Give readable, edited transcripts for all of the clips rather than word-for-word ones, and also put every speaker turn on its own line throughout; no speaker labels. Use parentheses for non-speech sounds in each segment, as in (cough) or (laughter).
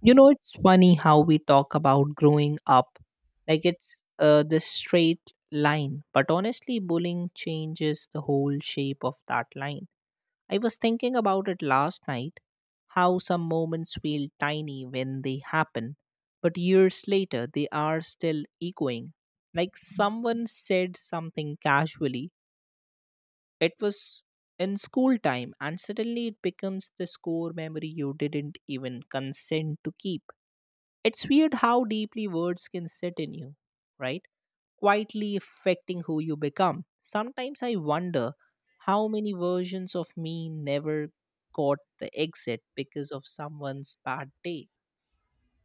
You know, it's funny how we talk about growing up like it's this straight line, but honestly, bullying changes the whole shape of that line. I was thinking about it last night how some moments feel tiny when they happen, but years later, they are still echoing. Like someone said something casually, it was in school time, and suddenly it becomes this core memory you didn't even consent to keep. It's weird how deeply words can sit in you, right? Quietly affecting who you become. Sometimes I wonder how many versions of me never caught the exit because of someone's bad day.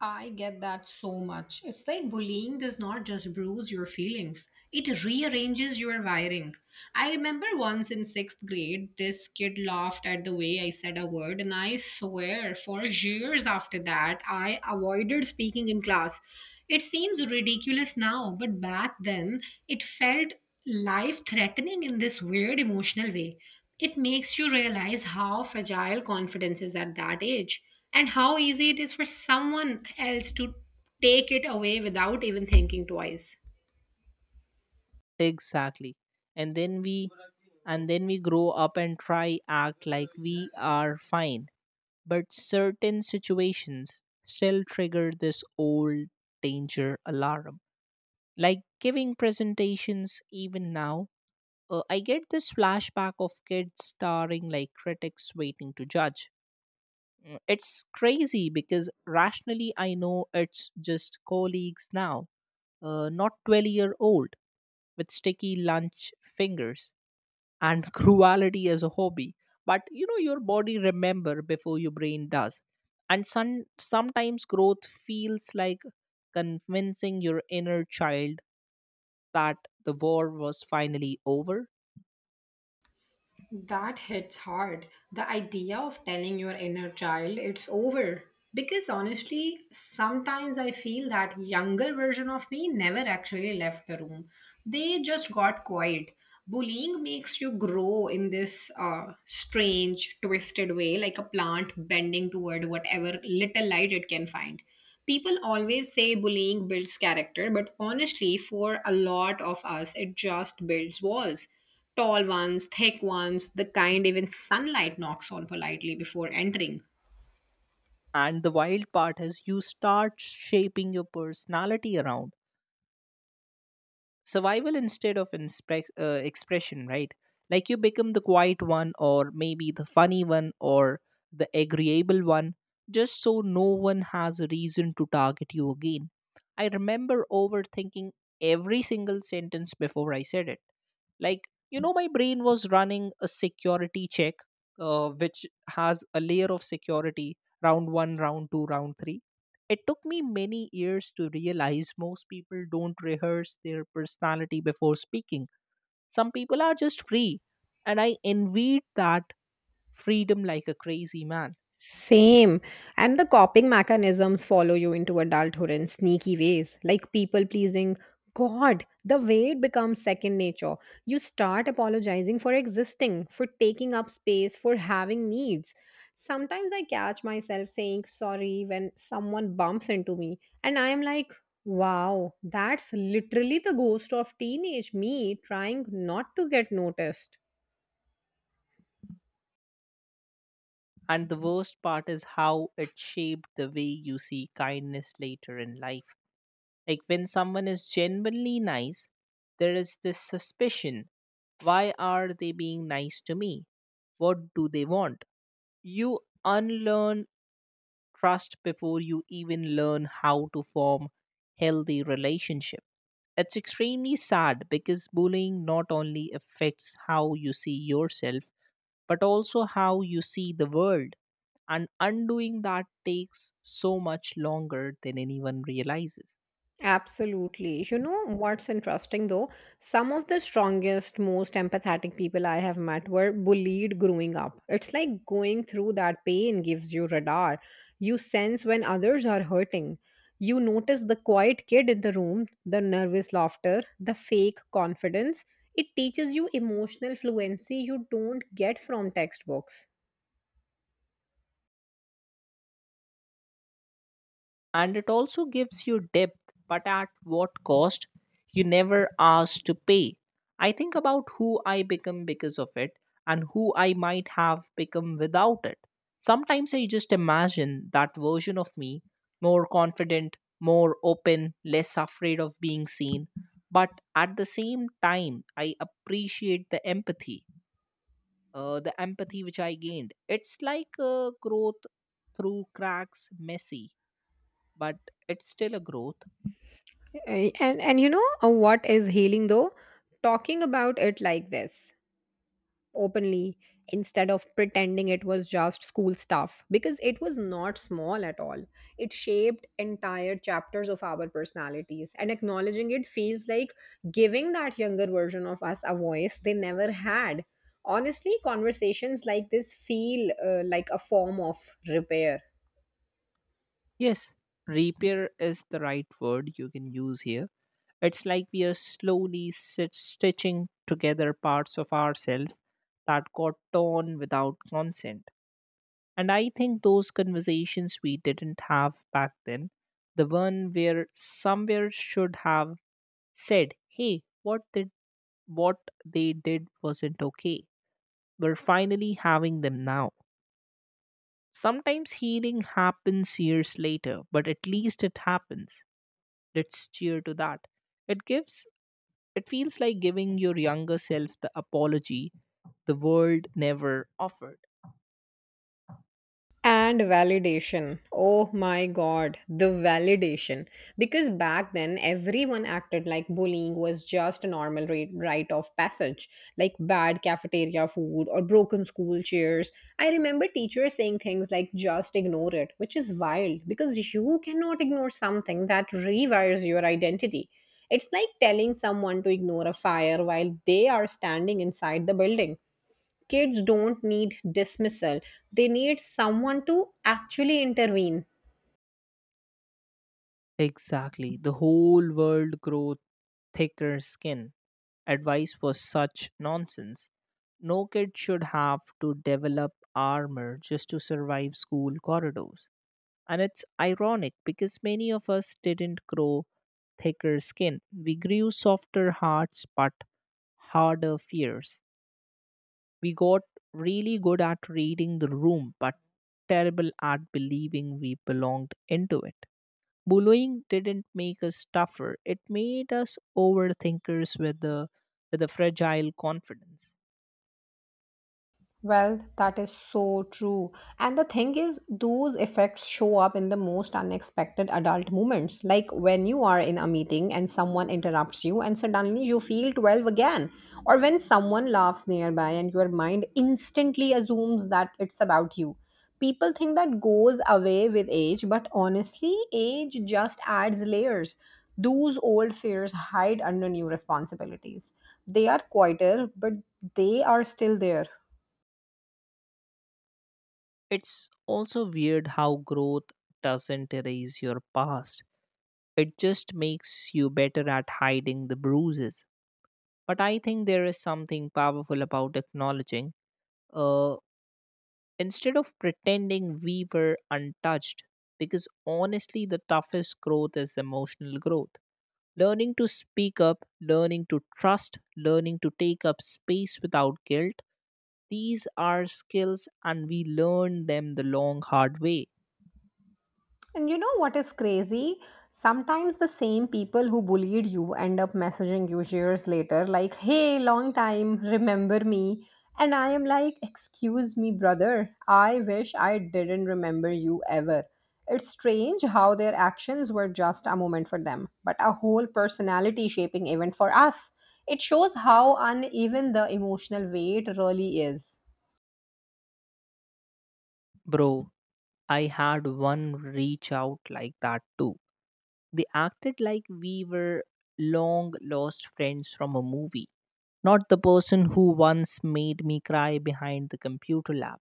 I get that so much. It's like bullying does not just bruise your feelings, it rearranges your wiring. I remember once in sixth grade, this kid laughed at the way I said a word, and I swear for years after that, I avoided speaking in class. It seems ridiculous now, but back then, it felt life threatening in this weird emotional way. It makes you realize how fragile confidence is at that age and how easy it is for someone else to take it away without even thinking twice.
Exactly. And then we and then we grow up and try act like we are fine. But certain situations still trigger this old danger alarm. Like giving presentations even now, I get this flashback of kids staring like critics waiting to judge. It's crazy because rationally I know it's just colleagues now, not 12-year-old with sticky lunch fingers and (laughs) cruelty as a hobby. But you know your body remember before your brain does, and sometimes growth feels like convincing your inner child that the war was finally over.
That hits hard. The idea of telling your inner child it's over. Because honestly, sometimes I feel that younger version of me never actually left the room. They just got quiet. Bullying makes you grow in this strange, twisted way, like a plant bending toward whatever little light it can find. People always say bullying builds character, but honestly, for a lot of us, it just builds walls. Tall ones, thick ones, the kind even sunlight knocks on politely before entering.
And the wild part is you start shaping your personality around survival instead of expression, right? Like you become the quiet one, or maybe the funny one, or the agreeable one, just so no one has a reason to target you again. I remember overthinking every single sentence before I said it, like you know my brain was running a security check, which has a layer of security: round 1, round 2, round 3. It took me many years to realize most people don't rehearse their personality before speaking. Some people are just free, and I envied that freedom like a crazy man.
Same. And the coping mechanisms follow you into adulthood in sneaky ways, like people pleasing. God, the way it becomes second nature. You start apologizing for existing, for taking up space, for having needs. Sometimes I catch myself saying sorry when someone bumps into me, and I am like, wow, that's literally the ghost of teenage me trying not to get noticed.
And the worst part is how it shaped the way you see kindness later in life. Like when someone is genuinely nice, there is this suspicion: why are they being nice to me? What do they want? You unlearn trust before you even learn how to form healthy relationship. It's extremely sad because bullying not only affects how you see yourself but also how you see the world, and undoing that takes so much longer than anyone realizes.
Absolutely. You know what's interesting though? Some of the strongest, most empathetic people I have met were bullied growing up. It's like going through that pain gives you radar. You sense when others are hurting. You notice the quiet kid in the room, the nervous laughter, the fake confidence. It teaches you emotional fluency you don't get from textbooks.
And it also gives you depth, but at what cost? You never ask to pay. I think about who I become because of it and who I might have become without it. Sometimes I just imagine that version of me more confident, more open, less afraid of being seen. But at the same time, I appreciate the empathy, the empathy which I gained. It's like a growth through cracks, messy, but it's still a growth.
And you know what is healing though? Talking about it like this, openly, instead of pretending it was just school stuff, because it was not small at all. It shaped entire chapters of our personalities, and acknowledging it feels like giving that younger version of us a voice they never had. Honestly, conversations like this feel like a form of repair.
Yes, repair is the right word you can use here. It's like we are slowly stitching together parts of ourselves that got torn without consent. And I think those conversations we didn't have back then, the one where somewhere should have said, hey, what they did wasn't okay. We're finally having them now. Sometimes healing happens years later, but at least it happens. Let's cheer to that. It gives it feels like giving your younger self the apology the world never offered.
And validation. Oh my god, the validation. Because back then, everyone acted like bullying was just a normal rate, rite of passage, like bad cafeteria food or broken school chairs. I remember teachers saying things like, just ignore it, which is wild because you cannot ignore something that rewires your identity. It's like telling someone to ignore a fire while they are standing inside the building. Kids don't need dismissal, they need someone to actually intervene.
Exactly. The whole world grew thicker skin. Advice was such nonsense. No kid should have to develop armor just to survive school corridors. And it's ironic because many of us didn't grow thicker skin. We grew softer hearts but harder fears. We got really good at reading the room but terrible at believing we belonged into it. Bullying didn't make us tougher, it made us overthinkers with a fragile confidence.
Well, that is so true. And the thing is, those effects show up in the most unexpected adult moments, like when you are in a meeting and someone interrupts you and suddenly you feel 12 again, or when someone laughs nearby and your mind instantly assumes that it's about you. People think that goes away with age, but honestly, age just adds layers. Those old fears hide under new responsibilities. They are quieter, but they are still there.
It's also weird how growth doesn't erase your past. It just makes you better at hiding the bruises. But I think there is something powerful about acknowledging, uh, instead of pretending we were untouched, because honestly, the toughest growth is emotional growth. Learning to speak up, learning to trust, learning to take up space without guilt. These are skills, and we learn them the long, hard way.
And you know what is crazy? Sometimes the same people who bullied you end up messaging you years later, like, hey, long time, remember me? And I am like, excuse me, brother, I wish I didn't remember you ever. It's strange how their actions were just a moment for them, but a whole personality shaping event for us. It shows how uneven the emotional weight really is.
Bro, I had one reach out like that too. They acted like we were long lost friends from a movie, not the person who once made me cry behind the computer lab.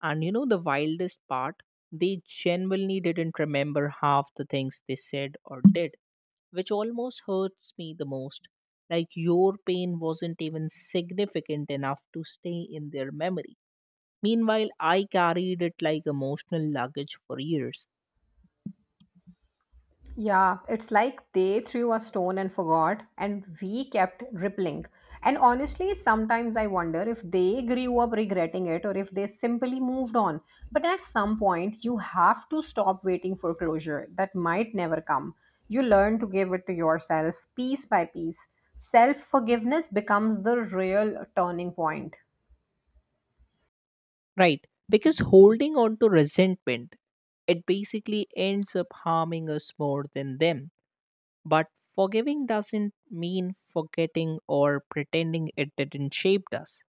And you know the wildest part? They genuinely didn't remember half the things they said or did, which almost hurts me the most. Like your pain wasn't even significant enough to stay in their memory. Meanwhile, I carried it like emotional luggage for years.
Yeah, it's like they threw a stone and forgot, and we kept rippling. And honestly, sometimes I wonder if they grew up regretting it or if they simply moved on. But at some point, you have to stop waiting for closure that might never come. You learn to give it to yourself piece by piece. Self forgiveness becomes the real turning point.
Right. Because holding on to resentment, it basically ends up harming us more than them. But forgiving doesn't mean forgetting or pretending it didn't shape us.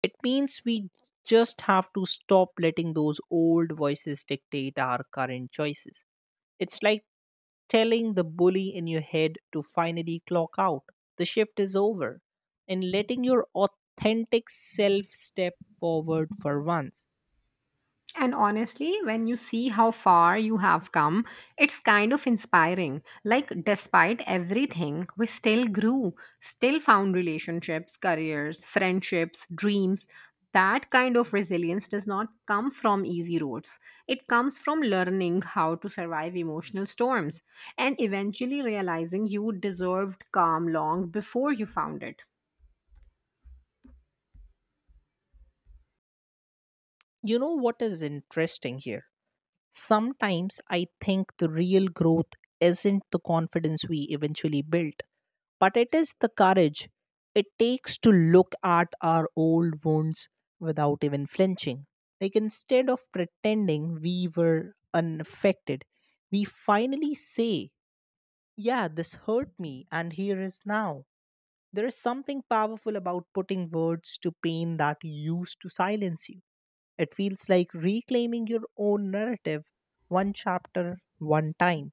It means we just have to stop letting those old voices dictate our current choices. It's like telling the bully in your head to finally clock out. The shift is over. And letting your authentic self step forward for once.
And honestly, when you see how far you have come, it's kind of inspiring. Like, despite everything, we still grew, still found relationships, careers, friendships, dreams. That kind of resilience does not come from easy roads. It comes from learning how to survive emotional storms and eventually realizing you deserved calm long before you found it.
You know what is interesting here? Sometimes I think the real growth isn't the confidence we eventually built, but it is the courage it takes to look at our old wounds without even flinching. Like instead of pretending we were unaffected, we finally say, yeah, this hurt me, and here is now. There is something powerful about putting words to pain that used to silence you. It feels like reclaiming your own narrative, one chapter, one time.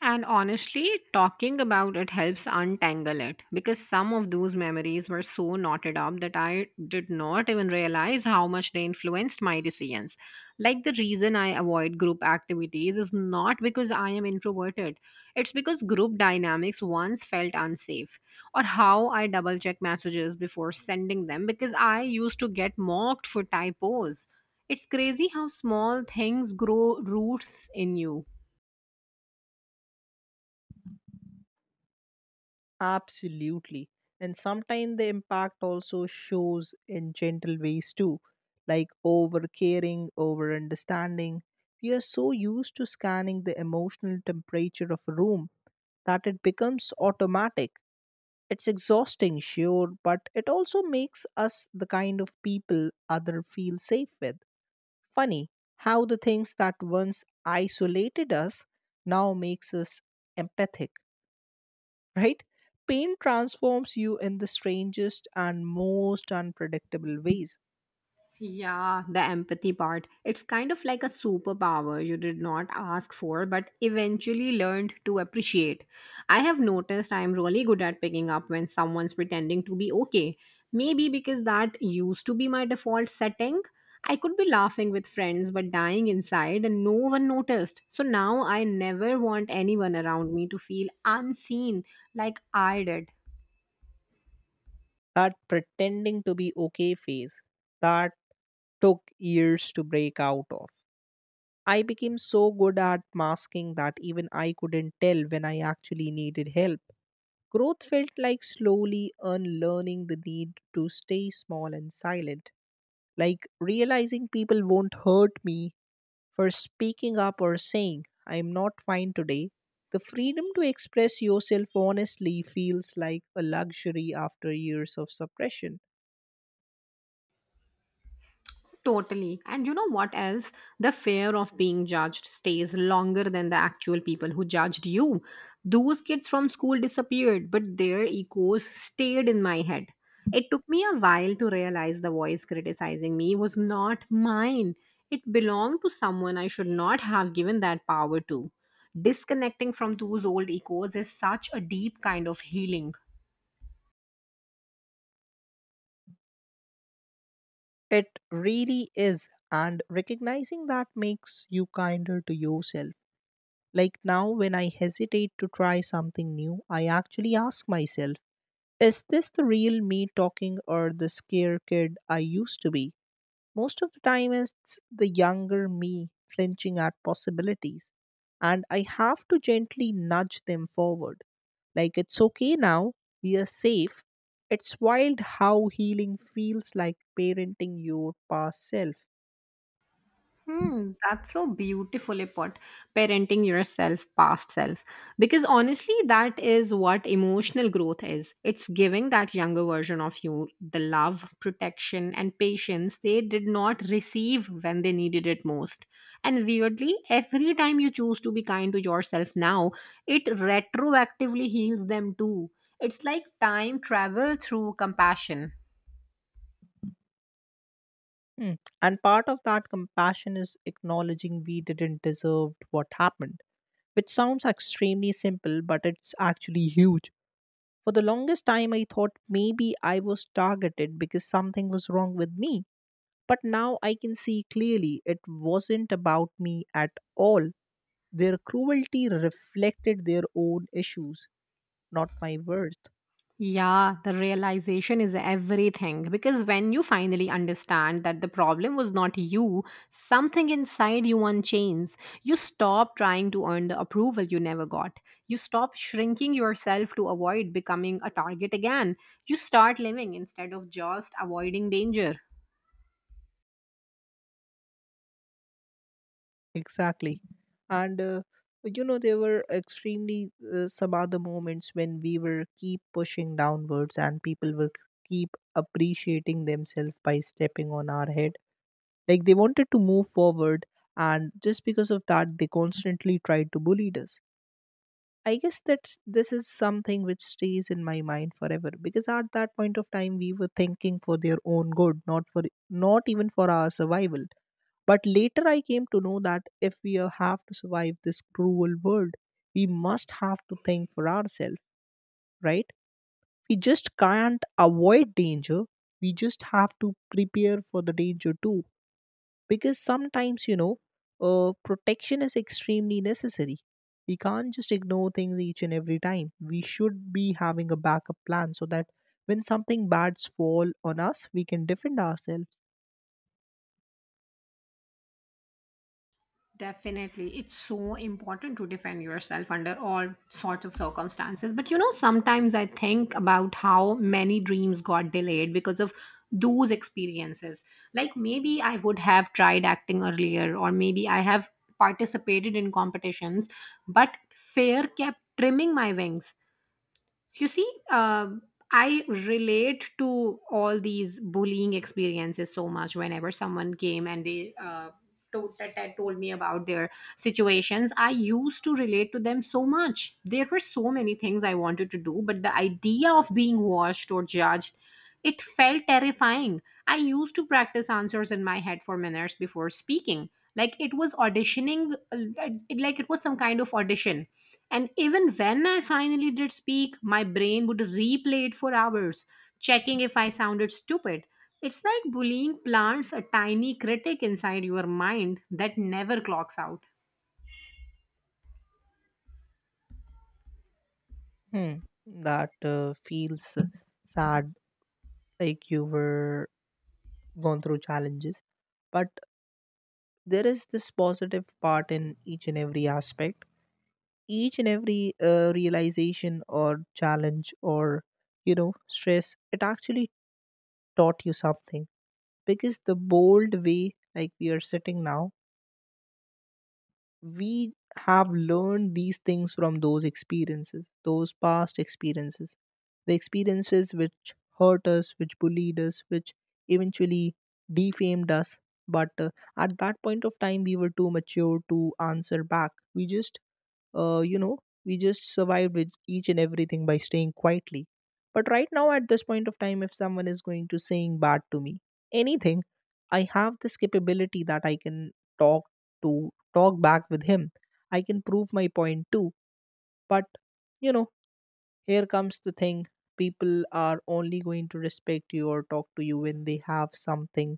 And honestly, talking about it helps untangle it because some of those memories were so knotted up that I did not even realize how much they influenced my decisions. Like the reason I avoid group activities is not because I am introverted, it's because group dynamics once felt unsafe, or how I double check messages before sending them because I used to get mocked for typos. It's crazy how small things grow roots in you.
Absolutely. And sometimes the impact also shows in gentle ways too, like over caring, over understanding. We are so used to scanning the emotional temperature of a room that it becomes automatic. It's exhausting, sure, but it also makes us the kind of people other feel safe with. Funny how the things that once isolated us now makes us empathic, (laughs) right? Pain transforms you in the strangest and most unpredictable ways.
Yeah, the empathy part. It's kind of like a superpower you did not ask for but eventually learned to appreciate. I have noticed I'm really good at picking up when someone's pretending to be okay. Maybe because that used to be my default setting. I could be laughing with friends but dying inside and no one noticed. So now I never want anyone around me to feel unseen like I did.
That pretending to be okay phase, that took years to break out of. I became so good at masking that even I couldn't tell when I actually needed help. Growth felt like slowly unlearning the need to stay small and silent. Like realizing people won't hurt me for speaking up or saying, I'm not fine today. The freedom to express yourself honestly feels like a luxury after years of suppression.
Totally. And you know what else? The fear of being judged stays longer than the actual people who judged you. Those kids from school disappeared, but their echoes stayed in my head. It took me a while to realize the voice criticizing me was not mine. It belonged to someone I should not have given that power to. Disconnecting from those old echoes is such a deep kind of healing.
It really is. And recognizing that makes you kinder to yourself. Like now, when I hesitate to try something new, I actually ask myself, is this the real me talking or the scare kid I used to be? Most of the time, it's the younger me flinching at possibilities, and I have to gently nudge them forward. Like, it's okay now, we are safe. It's wild how healing feels like parenting your past self.
Hmm, that's so beautifully put. Parenting yourself, past self. Because honestly, that is what emotional growth is. It's giving that younger version of you the love, protection, and patience they did not receive when they needed it most. And weirdly, every time you choose to be kind to yourself now, it retroactively heals them too. It's like time travel through compassion.
Hmm. And part of that compassion is acknowledging we didn't deserve what happened, which sounds extremely simple, but it's actually huge. For the longest time, I thought maybe I was targeted because something was wrong with me. But now I can see clearly it wasn't about me at all. Their cruelty reflected their own issues, not my worth.
Yeah, the realization is everything because when you finally understand that the problem was not you, something inside you unchains. You stop trying to earn the approval you never got. You stop shrinking yourself to avoid becoming a target again. You start living instead of just avoiding danger.
Exactly. And, you know, there were extremely some other moments when we were keep pushing downwards and people were keep appreciating themselves by stepping on our head. Like they wanted to move forward, and just because of that, they constantly tried to bully us. I guess that this is something which stays in my mind forever because at that point of time we were thinking for their own good, not for not even for our survival. But later I came to know that if have to survive this cruel world, we must have to think for ourselves, right? We just can't avoid danger. We just have to prepare for the danger too, because sometimes you know, protection is extremely necessary. We can't just ignore things each and every time. We should be having a backup plan so that when something bads fall on us we can defend ourselves.
Definitely. It's so important to defend yourself under all sorts of circumstances. But you know, sometimes I think about how many dreams got delayed because of those experiences. Like maybe I would have tried acting earlier, or maybe I have participated in competitions, but fear kept trimming my wings. So, you see, I relate to all these bullying experiences so much. Whenever someone came and they told, that told me about their situations, I used to relate to them so much. There were so many things I wanted to do, but the idea of being watched or judged, it felt terrifying. I used to practice answers in my head for minutes before speaking. Like it was auditioning, like it was some kind of audition. And even when I finally did speak, my brain would replay it for hours, checking if I sounded stupid. It's like bullying plants a tiny critic inside your mind that never clocks out.
Hmm. That feels sad, like you were gone through challenges, but there is this positive part in each and every aspect, each and every realization or challenge or you know stress. It actually taught you something, because the bold way like we are sitting now, we have learned these things from those experiences, those past experiences, the experiences which hurt us, which bullied us, which eventually defamed us. But at that point of time we were too mature to answer back. We just you know, we just survived with each and everything by staying quietly. But right now, at this point of time, if someone is going to saying bad to me, anything, I have this capability that I can talk talk back with him. I can prove my point too. But you know, here comes the thing: people are only going to respect you or talk to you when they have something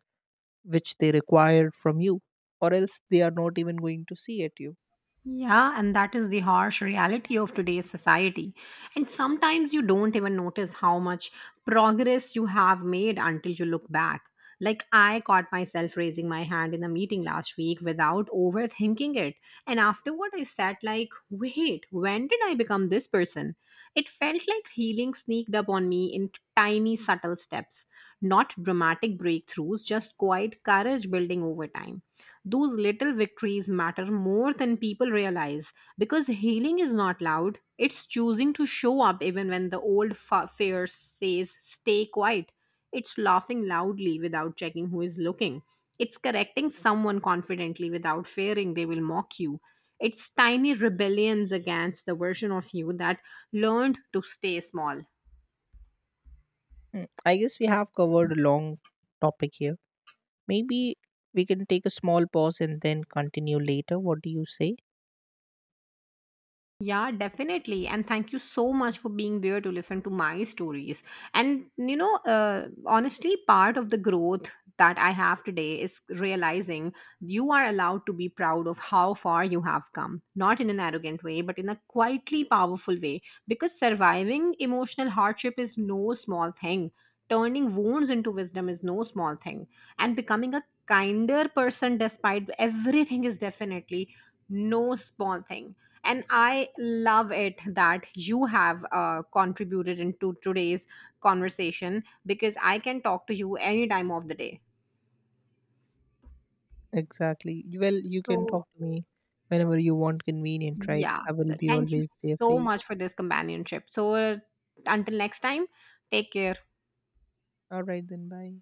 which they require from you, or else they are not even going to see at you.
Yeah, and that is the harsh reality of today's society. And sometimes you don't even notice how much progress you have made until you look back. Like, I caught myself raising my hand in a meeting last week without overthinking it. And afterward, I sat like, wait, when did I become this person? It felt like healing sneaked up on me in tiny, subtle steps. Not dramatic breakthroughs, just quiet courage building over time. Those little victories matter more than people realize because healing is not loud. It's choosing to show up even when the old fear says, stay quiet. It's laughing loudly without checking who is looking. It's correcting someone confidently without fearing they will mock you. It's tiny rebellions against the version of you that learned to stay small.
Hmm. I guess we have covered a long topic here. Maybe we can take a small pause and then continue later. What do you say?
Yeah, definitely. And thank you so much for being there to listen to my stories. And, you know, honestly, part of the growth that I have today is realizing you are allowed to be proud of how far you have come, not in an arrogant way, but in a quietly powerful way. Because surviving emotional hardship is no small thing, turning wounds into wisdom is no small thing, and becoming a kinder person despite everything is definitely no small thing. And I love it that you have contributed into today's conversation, because I can talk to you any time of the day.
Exactly. Well, you can
So
talk to me whenever you want convenient, right?
yeah,
I will be
thank you
always there for
so
you.
much for this companionship. So, until next time, take care.
All right, then, bye.